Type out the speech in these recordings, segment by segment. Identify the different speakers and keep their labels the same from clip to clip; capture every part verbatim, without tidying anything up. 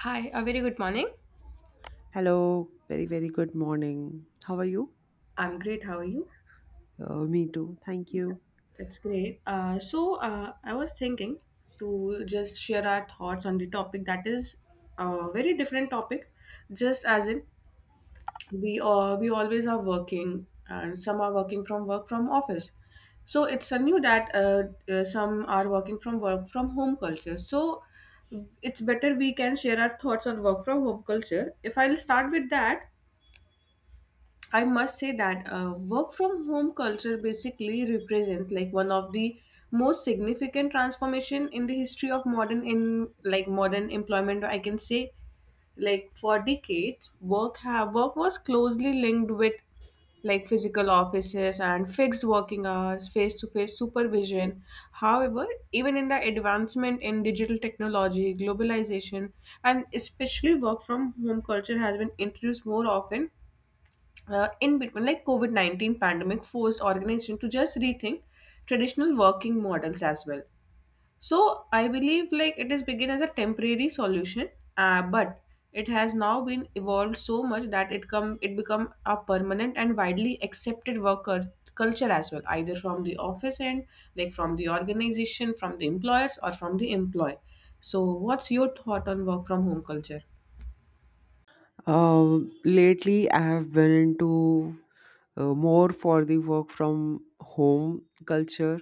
Speaker 1: Hi, a very good morning.
Speaker 2: Hello, very, very good morning. How are you?
Speaker 1: I'm great. How are you?
Speaker 2: Uh, me too. Thank you.
Speaker 1: That's great. Uh, so, uh, I was thinking to just share our thoughts on the topic that is a very different topic, just as in we uh, we always are working and some are working from work from office. So it's new that uh, uh, some are working from work from home culture. So it's better we can share our thoughts on work from home culture. If I'll start with that, I must say that uh, work from home culture basically represents like one of the most significant transformation in the history of modern in like modern employment. I can say like for decades, work have work was closely linked with like physical offices and fixed working hours, face to face supervision. However, even in the advancement in digital technology, globalization, and especially work from home culture has been introduced more often. Uh, in between like covid nineteen pandemic forced organization to just rethink traditional working models as well. So I believe like it is begin as a temporary solution, uh, but it has now been evolved so much that it come it become a permanent and widely accepted work cul- culture as well, either from the office end, like from the organization, from the employers or from the employee. So what's your thought on work from home culture?
Speaker 2: Um, lately, I have been into uh, more for the work from home culture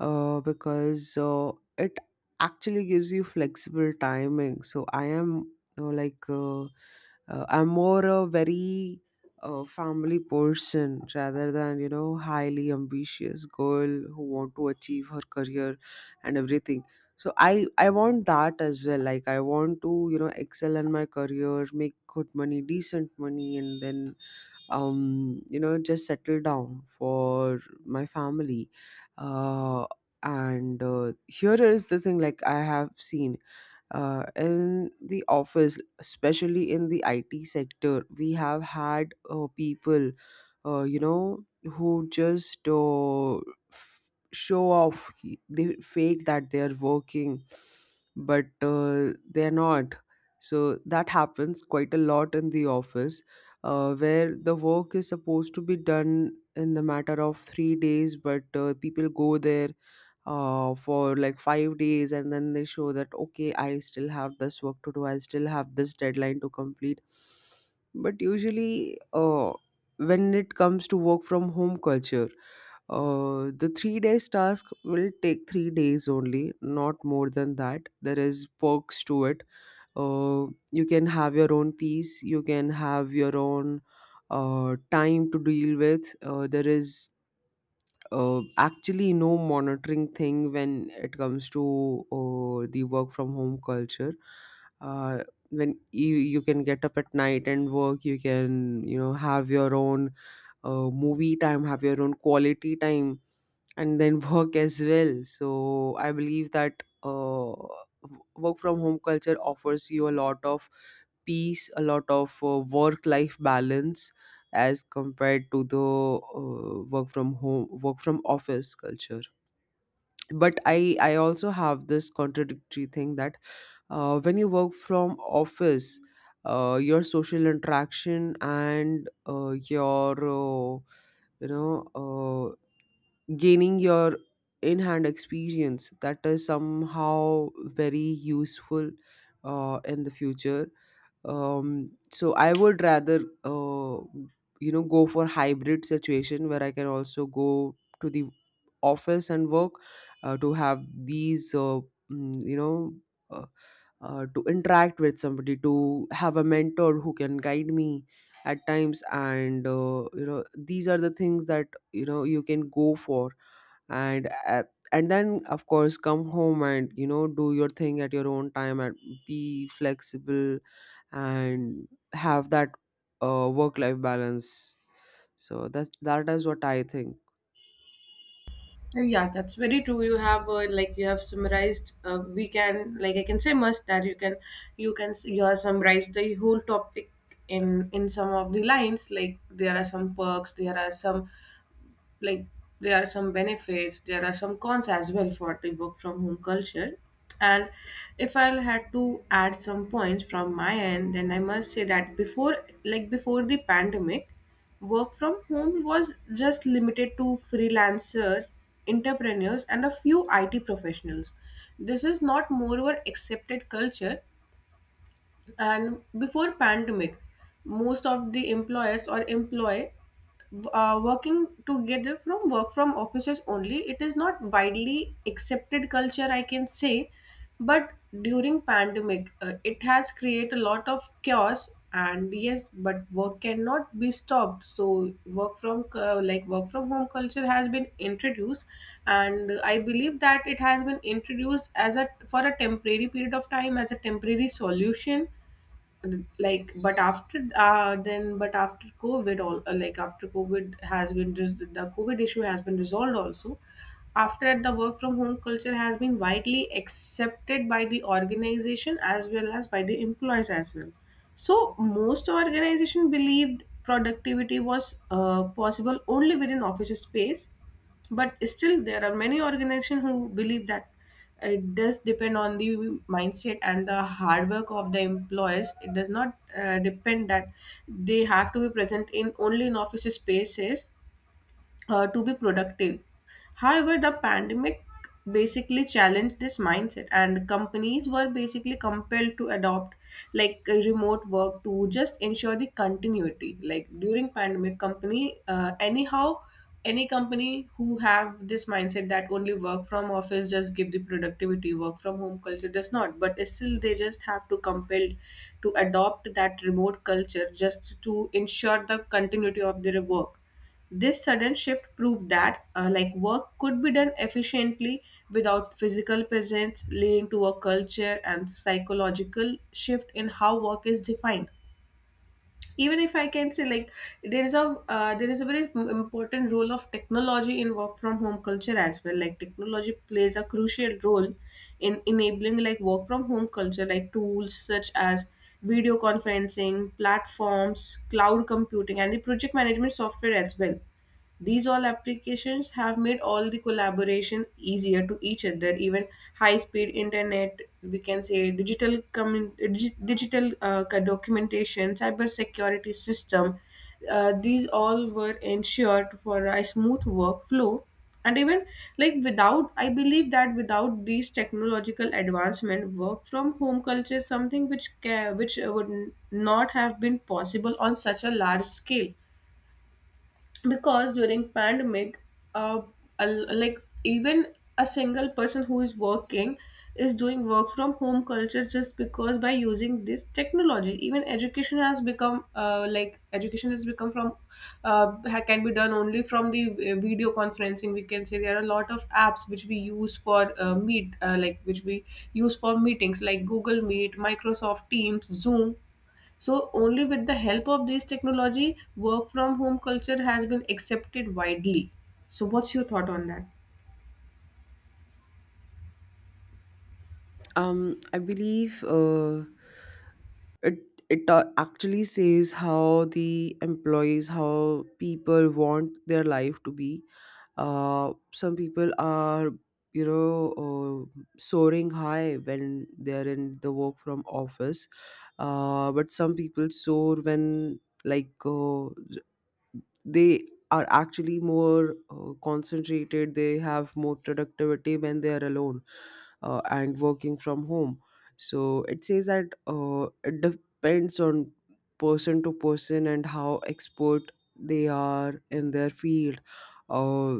Speaker 2: uh, because uh, it actually gives you flexible timing. So I am uh, like uh, uh, I'm more a very uh, family person rather than you know highly ambitious girl who want to achieve her career and everything. So I I want that as well. Like, I want to you know excel in my career, make good money, decent money, and then um, you know, just settle down for my family. Uh, and uh, here is the thing, like I have seen uh, in the office, especially in the I T sector, we have had uh, people, uh, you know, who just uh, f- show off. They fake that they're working, but uh, they're not. So that happens quite a lot in the office, uh, where the work is supposed to be done in the matter of three days, but uh, people go there uh, for like five days, and then they show that, okay, I still have this work to do, I still have this deadline to complete. But usually, uh, when it comes to work from home culture, uh, the three days task will take three days only, not more than that. There is perks to it. uh, you can have your own peace, you can have your own uh, time to deal with. Uh, there is uh, actually no monitoring thing when it comes to uh, the work from home culture. uh, when you, you can get up at night and work. You can you know have your own uh, movie time, have your own quality time, and then work as well. So I believe that uh, w- work from home culture offers you a lot of peace, a lot of uh, work life balance as compared to the uh, work from home work from office culture. But i i also have this contradictory thing, that uh, when you work from office, uh, your social interaction and uh, your uh, you know uh, gaining your in hand experience, that is somehow very useful uh, in the future. Um so I would rather uh, you know go for hybrid situation, where I can also go to the office and work, uh, to have these uh, mm, you know uh, uh, to interact with somebody, to have a mentor who can guide me at times. And uh, you know these are the things that you know you can go for. And uh, and then, of course, come home and you know do your thing at your own time and be flexible and have that uh, work life balance. So that's that is what I think.
Speaker 1: Yeah, that's very true. You have uh, like you have summarized. Uh, we can like I can say must that you can you can s- you have summarized the whole topic in in some of the lines. Like there are some perks, there are some like there are some benefits, there are some cons as well for the work from home culture. And if I had to add some points from my end, then I must say that before like before the pandemic, work from home was just limited to freelancers, entrepreneurs and a few IT professionals. This is not moreover accepted culture. And before pandemic, most of the employers or employee, uh, working together from work from offices only. It is not widely accepted culture, I can say. But during pandemic, uh, it has created a lot of chaos, and yes, but work cannot be stopped, so work from uh, like work from home culture has been introduced. And I believe that it has been introduced as a for a temporary period of time, as a temporary solution. Like, but after uh then, but after covid all, uh, like after covid has been res- the covid issue has been resolved also. After that, the work from home culture has been widely accepted by the organization as well as by the employees as well. So most organization believed productivity was, uh, possible only within office space. But still there are many organizations who believe that it does depend on the mindset and the hard work of the employees. It does not uh, depend that they have to be present in only in office spaces, uh, to be productive. However, the pandemic basically challenged this mindset, and companies were basically compelled to adopt like uh, remote work to just ensure the continuity. Like during pandemic, company uh, anyhow any company who have this mindset that only work from office just give the productivity, work from home culture does not, but still they just have to compelled to adopt that remote culture just to ensure the continuity of their work. This sudden shift proved that, uh, like work could be done efficiently without physical presence, leading to a culture and psychological shift in how work is defined. Even if I can say like, there is a uh, there is a very im- important role of technology in work from home culture as well. Like technology plays a crucial role in enabling like work from home culture, like tools such as video conferencing platforms, cloud computing, and the project management software as well. These all applications have made all the collaboration easier to each other, even high speed internet, we can say digital commun- dig- digital, uh, co- documentation, cyber security system. Uh, these all were ensured for a smooth workflow. And even like without, I believe that without these technological advancement, work from home culture is something which ca- which uh, would n- not have been possible on such a large scale. Because during pandemic, uh, a l- like even a single person who is working is doing work from home culture, just because by using this technology, even education has become uh, like education has become from uh, ha- can be done only from the uh, video conferencing, we can say. There are a lot of apps which we use for uh, meet uh, like which we use for meetings, like Google Meet, Microsoft Teams, Zoom. So only with the help of this technology, work from home culture has been accepted widely. So what's your thought on that?
Speaker 2: um I believe uh, it it uh, actually says how the employees, how people want their life to be. uh some people are you know uh, soaring high when they're in the work from office. uh but some people soar when, like uh, they are actually more uh, concentrated, they have more productivity when they are alone uh, and working from home. So it says that uh, it depends on person to person and how expert they are in their field. uh,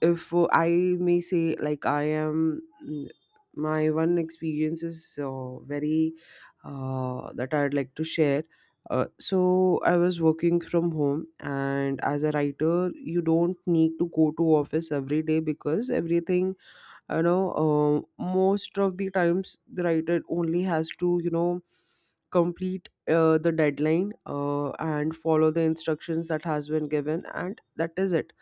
Speaker 2: if uh, I may say, like, I am, mm, my one experience is uh, very, uh, that I'd like to share. Uh, so I was working from home, and as a writer, you don't need to go to office every day because everything you know. Uh, most of the times, the writer only has to you know complete uh, the deadline uh, and follow the instructions that has been given, and that is it.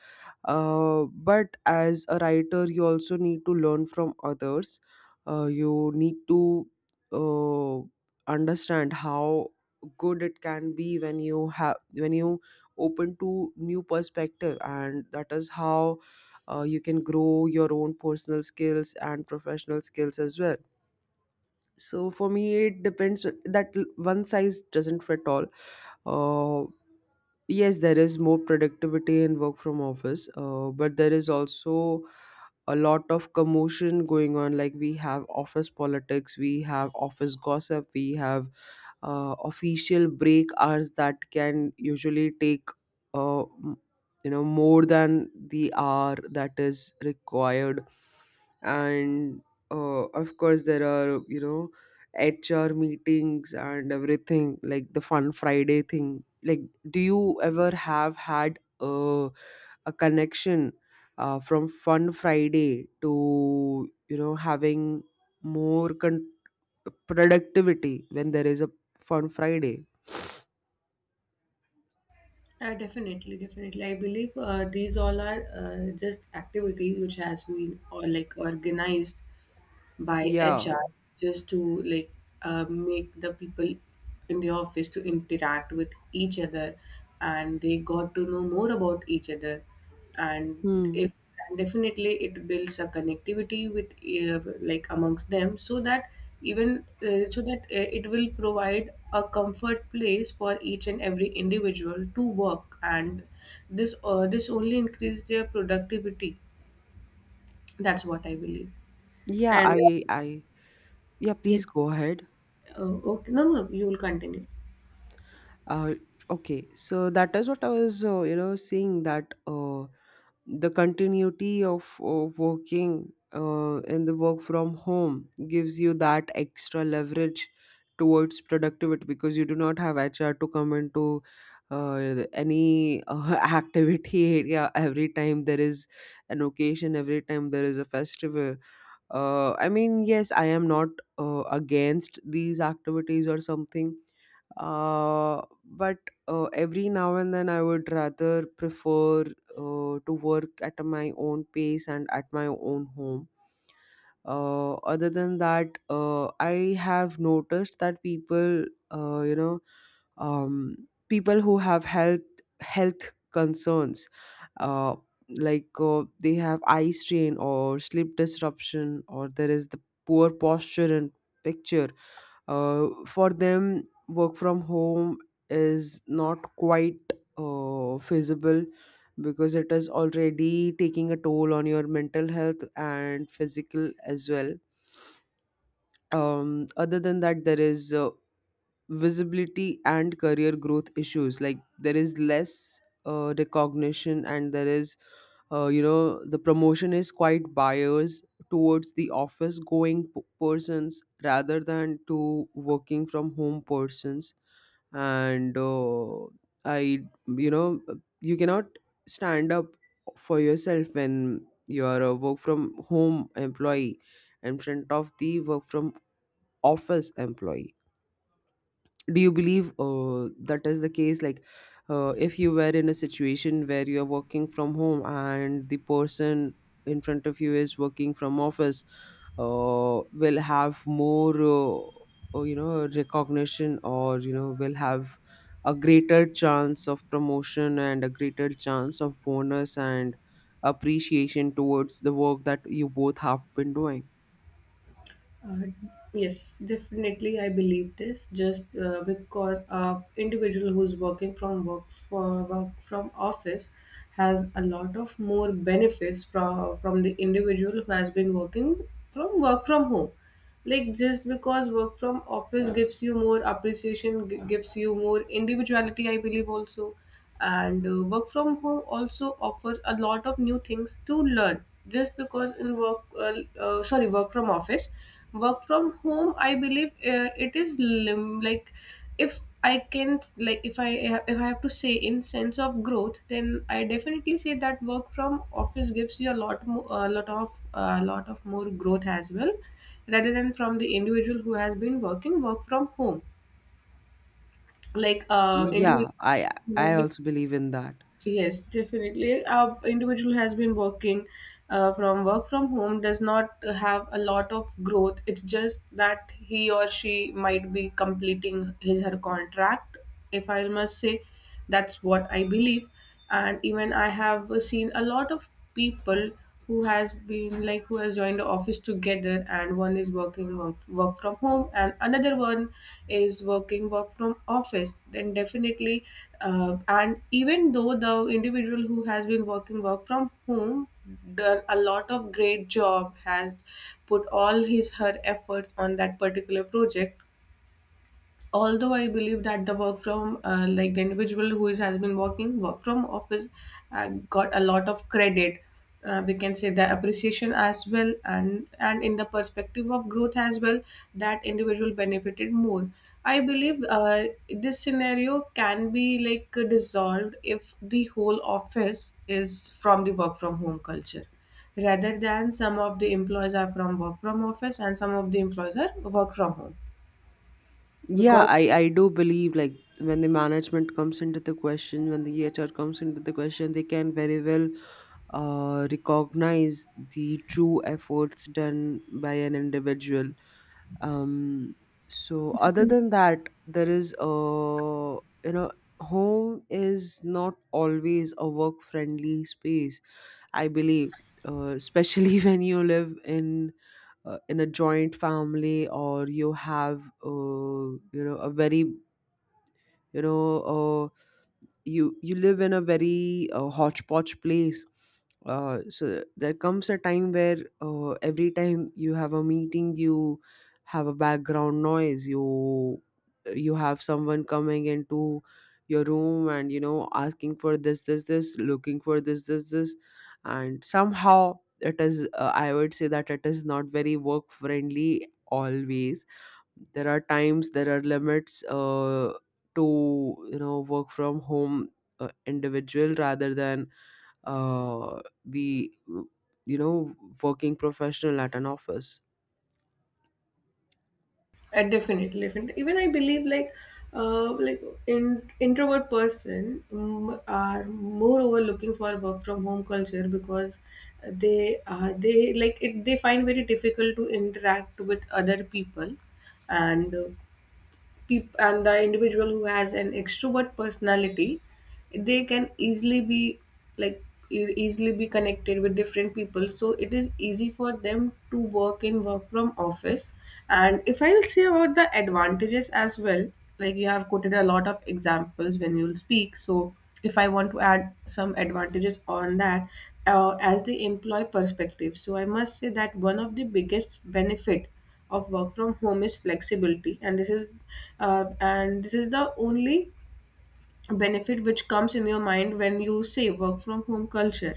Speaker 2: uh, but as a writer, you also need to learn from others. uh, you need to uh, understand how good it can be when you have when you open to new perspective, and that is how uh, you can grow your own personal skills and professional skills as well. So for me, it depends, that l- one size doesn't fit all. Uh, yes, there is more productivity in work from office, uh, but there is also a lot of commotion going on. Like, we have office politics, we have office gossip, we have uh, official break hours that can usually take, uh, m- you know more than the hour that is required. And uh, of course, there are, you know HR meetings and everything, like the Fun Friday thing. Like, do you ever have had a a connection uh, from Fun Friday to you know having more con- productivity when there is a Fun Friday?
Speaker 1: Uh, definitely, definitely. I believe, uh, these all are, uh, just activities which has been or like organized by
Speaker 2: Yeah.
Speaker 1: H R just to like uh, make the people in the office to interact with each other, and they got to know more about each other. And
Speaker 2: Hmm.
Speaker 1: if, and definitely it builds a connectivity with, uh, like amongst them, so that even, uh, so that uh, it will provide a comfort place for each and every individual to work. And this uh, this only increase their productivity. That's what I believe,
Speaker 2: Yeah,
Speaker 1: and
Speaker 2: i i yeah, please
Speaker 1: yes.
Speaker 2: go ahead.
Speaker 1: Oh, okay. No, no, you'll continue.
Speaker 2: uh, okay, so that is what I was uh, you know seeing, that uh, the continuity of, of working uh, in the work from home gives you that extra leverage towards productivity, because you do not have H R to come into uh, any uh, activity area every time there is an occasion, every time there is a festival. uh, I mean, yes, I am not uh, against these activities or something. uh, but uh, every now and then, I would rather prefer uh, to work at my own pace and at my own home. uh, other than that, uh, I have noticed that people uh, you know um, people who have health health concerns, uh, like, uh, they have eye strain or sleep disruption, or there is the poor posture and picture. uh, for them, work from home is not quite uh, feasible, because it is already taking a toll on your mental health and physical as well. um, other than that, there is uh, visibility and career growth issues. Like, there is less uh, recognition, and there is uh, you know the promotion is quite biased towards the office going p- persons rather than to working from home persons. And uh, I you know you cannot stand up for yourself when you're a work from home employee in front of the work from office employee. Do you believe uh, that is the case? Like, uh, if you were in a situation where you're working from home and the person in front of you is working from office, uh, will have more, uh, or, you know recognition, or, you know will have a greater chance of promotion and a greater chance of bonus and appreciation towards the work that you both have been doing?
Speaker 1: Uh, yes, definitely, I believe this. Just, uh, because a individual who's working from work for work from office has a lot of more benefits from from the individual who has been working from work from home. Like just because work from office gives you more appreciation, g- gives you more individuality, I believe also. And uh, work from home also offers a lot of new things to learn, just because in work uh, uh, sorry work from office, work from home, I believe, uh, it is lim- like, if I can like if I if I have to say in sense of growth, then I definitely say that work from office gives you a lot more, a lot of a lot of more growth as well, rather than from the individual who has been working work from home, like uh
Speaker 2: Yeah,
Speaker 1: individual
Speaker 2: I
Speaker 1: has
Speaker 2: I
Speaker 1: been-
Speaker 2: also believe in that.
Speaker 1: Yes, definitely, a individual has been working, uh, from work from home does not have a lot of growth. It's just that he or she might be completing his her contract, if I must say. That's what I believe. And even I have seen a lot of people who has been like who has joined the office together, and one is working work, work from home and another one is working work from office, then definitely, uh, and even though the individual who has been working work from home done a lot of great job, has put all his her efforts on that particular project, although I believe that the work from uh, like the individual who is, has been working work from office, uh, got a lot of credit. Uh, we can say the appreciation as well, and and in the perspective of growth as well, that individual benefited more, I believe. Uh, this scenario can be like dissolved if the whole office is from the work from home culture, rather than some of the employees are from work from office and some of the employees are work from home,
Speaker 2: Yeah, I,
Speaker 1: because.
Speaker 2: I do believe, like, when the management comes into the question, when the H R comes into the question, they can very well uh, recognize the true efforts done by an individual. Um, so other than that, there is a- you know home is not always a work friendly space. I believe, uh, especially when you live in uh, in a joint family, or you have uh, you know a very, you know uh, you you live in a very uh, hodgepodge place. uh, so there comes a time where uh, every time you have a meeting, you have a background noise, you you have someone coming into your room and you know asking for this, this, this, looking for this, this, this. And somehow, it is, uh, I would say that it is not very work friendly always. There are times, there are limits uh, to, you know work from home uh, individual rather than uh, the, you know working professional at an office.
Speaker 1: Uh, definitely, definitely. Even I believe like uh like in introvert person um, are moreover looking for work from home culture because they uh, they like it, they find very difficult to interact with other people, and uh, peop- and the individual who has an extrovert personality, they can easily be like e- easily be connected with different people. So it is easy for them to work in work from office. And if I will say about the advantages as well, like you have quoted a lot of examples when you'll speak. So if I want to add some advantages on that, uh, as the employee perspective. So I must say that one of the biggest benefit of work from home is flexibility, and this is uh, and this is the only benefit which comes in your mind when you say work from home culture.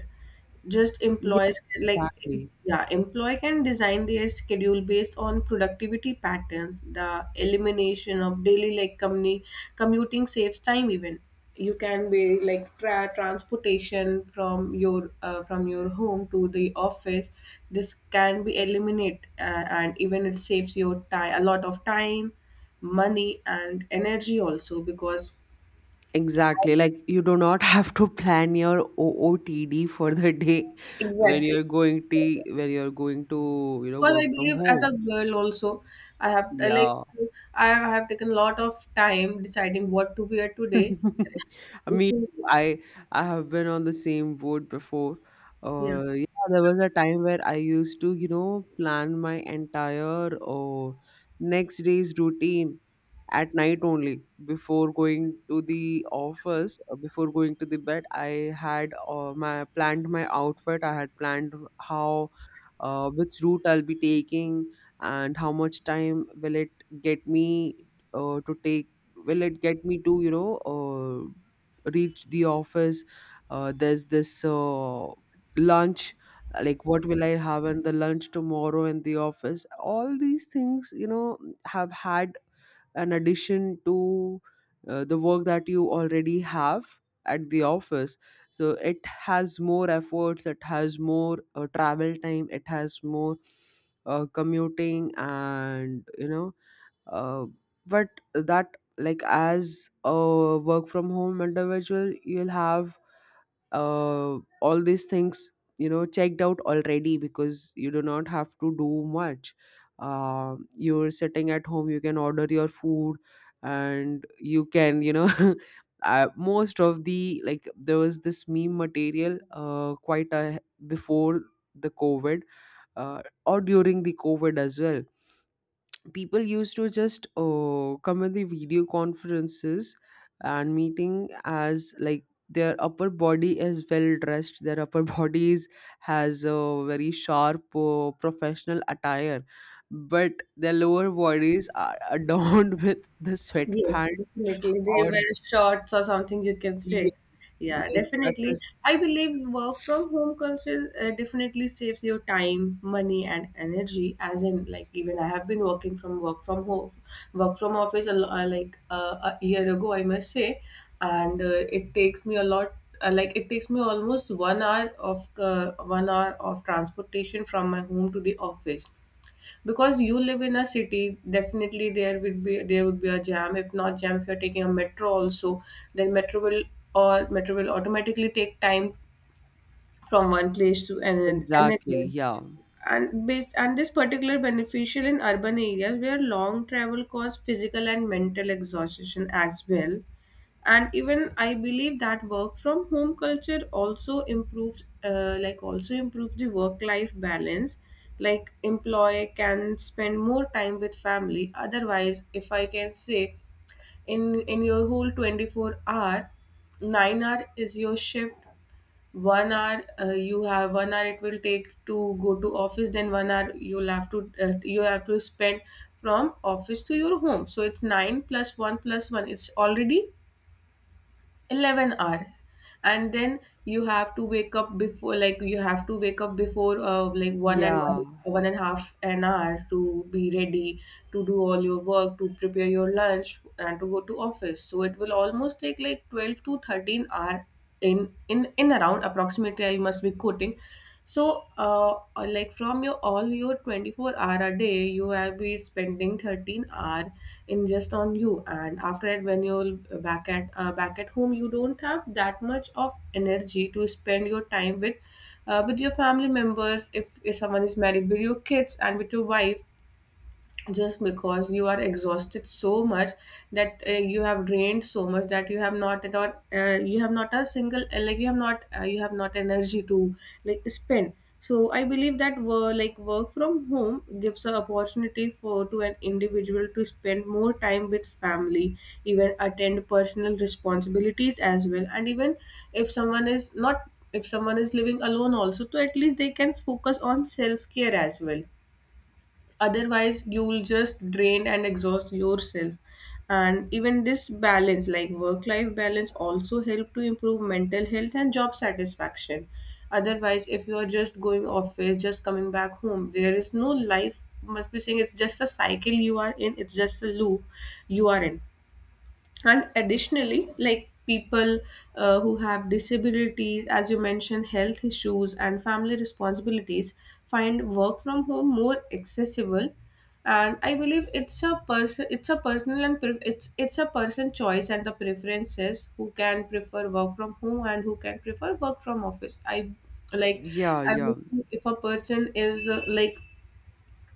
Speaker 1: Just
Speaker 2: Yeah,
Speaker 1: employees can, like em-
Speaker 2: exactly.
Speaker 1: yeah, employee can design their schedule based on productivity patterns. The elimination of daily like communi- commuting saves time. Even you can be like tra- transportation from your uh, from your home to the office, this can be eliminate, uh, and even it saves your time, a lot of time, money and energy also, because.
Speaker 2: Exactly. Like, you do not have to plan your O O T D for the day when
Speaker 1: Exactly.
Speaker 2: you're going to
Speaker 1: Exactly.
Speaker 2: when you're going to, you know,
Speaker 1: Because I
Speaker 2: work from
Speaker 1: believe, as a
Speaker 2: home.
Speaker 1: girl also, I have uh, like
Speaker 2: Yeah.
Speaker 1: I have taken a lot of time deciding what to wear today.
Speaker 2: Me,
Speaker 1: So
Speaker 2: too. I I have been on the same boat before.
Speaker 1: yeah.
Speaker 2: Uh, yeah, there was a time where I used to, you know, plan my entire uh, next day's routine at night only before going to the office uh, before going to the bed I had uh, my planned my outfit. I had planned how, uh, which route I'll be taking and how much time will it get me uh, to take, will it get me to, you know, uh, reach the office. Uh, there's this uh, lunch, like what will I have in the lunch tomorrow in the office, all these things, you know, have had an addition to uh, the work that you already have at the office. So it has more efforts, it has more uh, travel time, it has more uh, commuting and, you know, uh, but that, like as a work from home individual, you'll have uh, all these things, you know, checked out already, because you do not have to do much. Uh, you're sitting at home, you can order your food and you can, you know, uh, most of the like, there was this meme material uh, quite a, before the COVID, uh, or during the COVID as well, people used to just uh, come in the video conferences and meeting as like their upper body is well dressed, their upper bodies has a very sharp uh, professional attire, but their lower bodies are adorned with the
Speaker 1: Yes,
Speaker 2: sweatpants.
Speaker 1: definitely. They
Speaker 2: Or
Speaker 1: wear shorts or something you can
Speaker 2: yes,
Speaker 1: say. Yeah,
Speaker 2: yes, that
Speaker 1: definitely.
Speaker 2: is
Speaker 1: I believe work from home culture uh, definitely saves your time, money, and energy. As in, like even I have been working from work from home, work from office a, lo- uh, like uh, a year ago, I must say, and uh, it takes me a lot. Uh, like it takes me almost one hour of uh, one hour of transportation from my home to the office because you live in a city. Definitely there would be there would be a jam, if not jam, if you're taking a metro also, then metro will or metro will automatically take time from one place to another another
Speaker 2: exactly. Yeah,
Speaker 1: And based and this particular beneficial in urban areas where long travel cause physical and mental exhaustion as well. And even I believe that work from home culture also improves uh, like also improves the work life balance. Like employee can spend more time with family. Otherwise, if I can say, in in your whole twenty-four hour, nine hour is your shift, one hour, uh, you have one hour it will take to go to office, then one hour you'll have to uh, you have to spend from office to your home, so it's nine plus one plus one, it's already eleven hour. And then you have to wake up before, like you have to wake up before uh, like one and one,
Speaker 2: yeah,
Speaker 1: one and a half an hour to be ready to do all your work, to prepare your lunch and to go to office, so it will almost take like twelve to thirteen hour in in in around, approximately I must be quoting. So, uh, like from your all your twenty-four hour a day, you have been spending thirteen hour in just on you. And after that, when you're back at uh, back at home, you don't have that much of energy to spend your time with uh, with your family members. If, if someone is married, with your kids and with your wife, just because you are exhausted so much, that uh, you have drained so much that you have not at all uh, you have not a single uh, like you have not uh, you have not energy to like spend. So I believe that work, like work from home gives an opportunity for to an individual to spend more time with family, even attend personal responsibilities as well. And even if someone is not, if someone is living alone also, to at least they can focus on self care as well. Otherwise you'll just drain and exhaust yourself. And even this balance, like work life balance, also help to improve mental health and job satisfaction. Otherwise, if you are just going office, just coming back home, there is no life, must be saying. It's just a cycle you are in, it's just a loop you are in. And additionally, like people uh, who have disabilities, as you mentioned, health issues and family responsibilities, find work from home more accessible. And I believe it's a person it's a personal and pre- it's it's a person choice and the preferences, who can prefer work from home and who can prefer work from office. i like
Speaker 2: yeah,
Speaker 1: i
Speaker 2: yeah,
Speaker 1: believe if a person is uh, like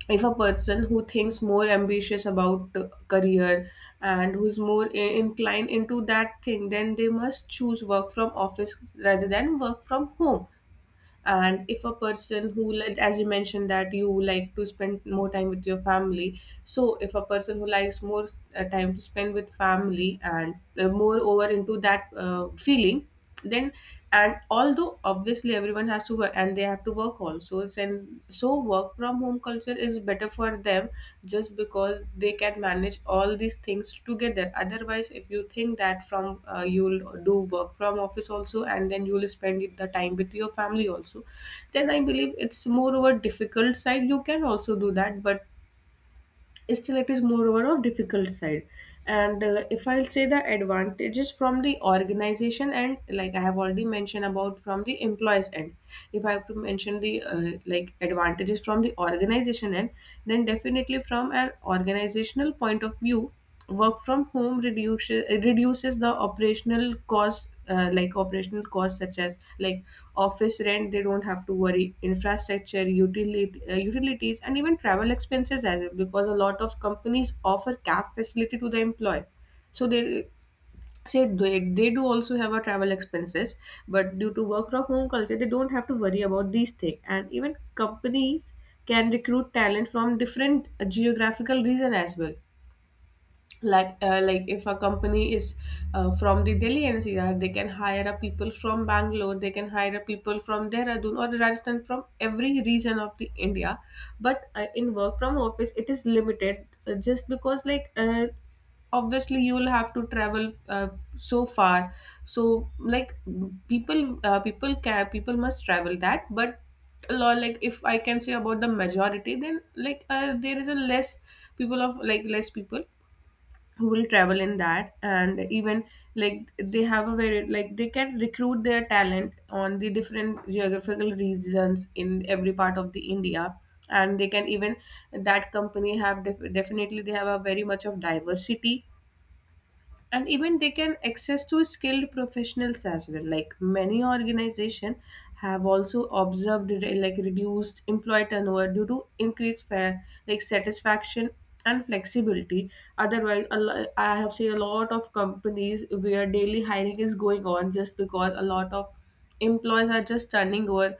Speaker 1: if a person who thinks more ambitious about uh, career and who's more i- inclined into that thing, then they must choose work from office rather than work from home. And if a person who like- as you mentioned that you like to spend more time with your family, so if a person who likes more uh, time to spend with family and uh, more over into that uh, feeling, then, and although obviously everyone has to work and they have to work also then, so work from home culture is better for them, just because they can manage all these things together. Otherwise, if you think that from uh, you'll do work from office also and then you'll spend it- the time with your family also, then I believe it's more of a difficult side, you can also do that, but still it is moreover of difficult side. And uh, if I'll say the advantages from the organization, and like I have already mentioned about from the employees end, if I have to mention the uh, like advantages from the organization end, then definitely from an organizational point of view, work from home reduces reduces the operational costs, uh, like operational costs such as like office rent, they don't have to worry, infrastructure, utility, uh, utilities, and even travel expenses as well, because a lot of companies offer cab facility to the employee, so they say they, they do also have a travel expenses. But due to work from home culture, they don't have to worry about these things. And even companies can recruit talent from different uh, geographical region as well. Like uh, like if a company is uh, from the Delhi N C R, they can hire a people from Bangalore, they can hire a people from Dehradun or Rajasthan, from every region of the India. But uh, in work from office, it is limited, uh, just because like uh, obviously you will have to travel uh, so far. So like people uh, people can people must travel that, but a lot, like if I can say about the majority, then like uh, there is a less people of like less people who will travel in that. And even like they have a very, like they can recruit their talent on the different geographical regions in every part of the India. And they can even that company have def- definitely they have a very much of diversity. And even they can access to skilled professionals as well. Like many organization have also observed re- like reduced employee turnover due to increased fa- like satisfaction and flexibility. Otherwise a lo- I have seen a lot of companies where daily hiring is going on, just because a lot of employees are just turning over,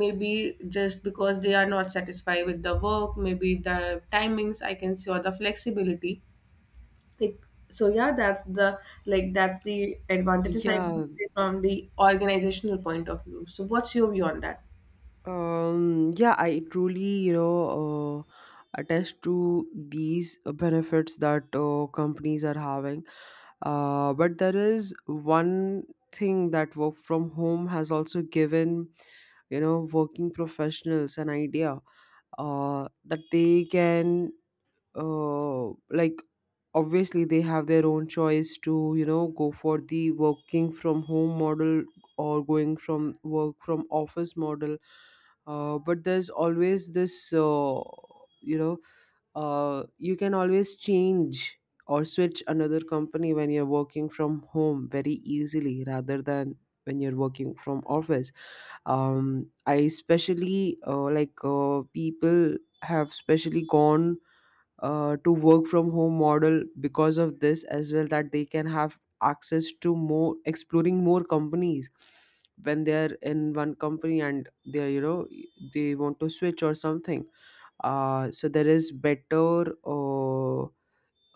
Speaker 1: maybe just because they are not satisfied with the work, maybe the timings I can see, or the flexibility, like. So yeah, that's the like that's the advantages I would
Speaker 2: yeah.
Speaker 1: say from the organizational point of view. So what's your view on that?
Speaker 2: Um, yeah, I truly, you know, uh, attest to these uh, benefits that uh, companies are having. Uh, but there is one thing that work from home has also given, you know, working professionals an idea uh, that they can uh, like obviously they have their own choice to, you know, go for the working from home model or going from work from office model. Uh, but there's always this, uh, you know, uh, you can always change or switch another company when you're working from home very easily rather than when you're working from office. Um i especially, uh, like uh, people have specially gone uh, to work from home model because of this as well, that they can have access to more exploring more companies when they're in one company and they're, you know, they want to switch or something. Uh, so there is better uh,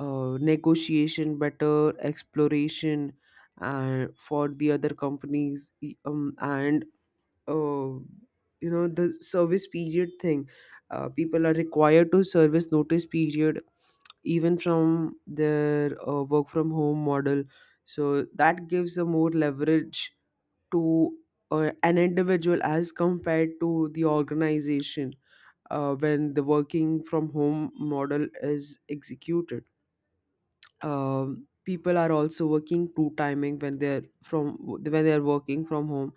Speaker 2: uh, negotiation, better exploration uh, for the other companies. E- um, and uh, you know, the service period thing, uh, people are required to service notice period even from their uh, work from home model. So that gives a more leverage to uh, an individual as compared to the organization uh, when the working from home model is executed. Um, people are also working two timing when they're from when they're working from home,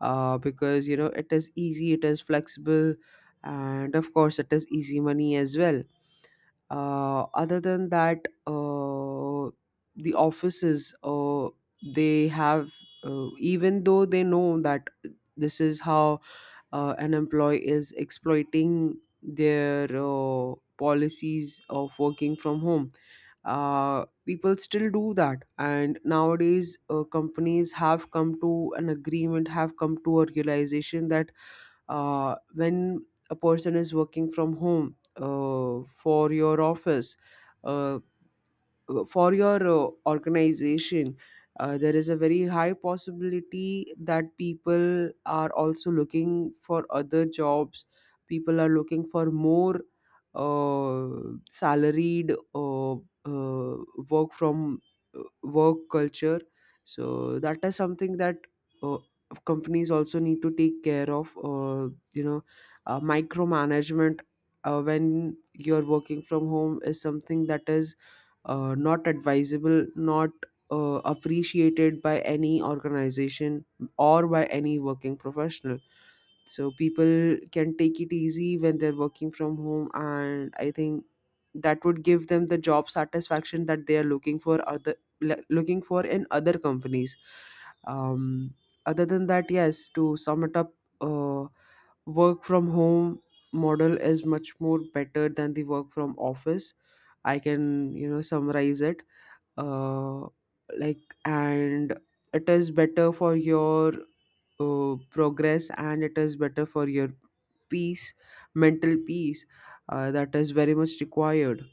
Speaker 2: uh, because you know, it is easy, it is flexible, and of course it is easy money as well. Uh, other than that, uh, the offices, uh, they have, uh, even though they know that this is how uh, an employee is exploiting their uh, policies of working from home. Uh, people still do that, and nowadays uh, companies have come to an agreement, have come to a realization that uh, when a person is working from home uh, for your office, uh, for your uh, organization, uh, there is a very high possibility that people are also looking for other jobs. People are looking for more uh, salaried uh, uh, work from, uh, work culture. So that is something that uh, companies also need to take care of. Uh, you know, uh, micromanagement uh, when you're working from home is something that is uh, not advisable, not uh, appreciated by any organization or by any working professional. So people can take it easy when they're working from home, and I think that would give them the job satisfaction that they are looking for, other le- looking for in other companies. um, Other than that, yes, to sum it up, uh, work from home model is much more better than the work from office, I can, you know, summarize it uh, like and It is better for your uh, progress, and it is better for your peace, mental peace, uh, that is very much required.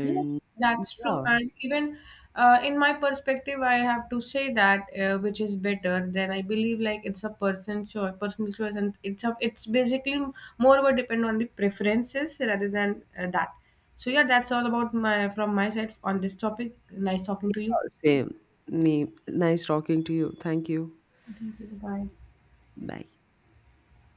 Speaker 1: Yeah, that's true.
Speaker 2: yeah,
Speaker 1: And even uh, in my perspective, I have to say that uh, which is better. Then I believe like it's a person choice, personal choice, and it's a it's basically more about depend on the preferences rather than uh, that. So yeah, that's all about my from my side on this topic. Nice talking to
Speaker 2: yeah,
Speaker 1: you.
Speaker 2: same. Ni- nice talking to you, thank you.
Speaker 1: Thank you. Bye.
Speaker 2: Bye.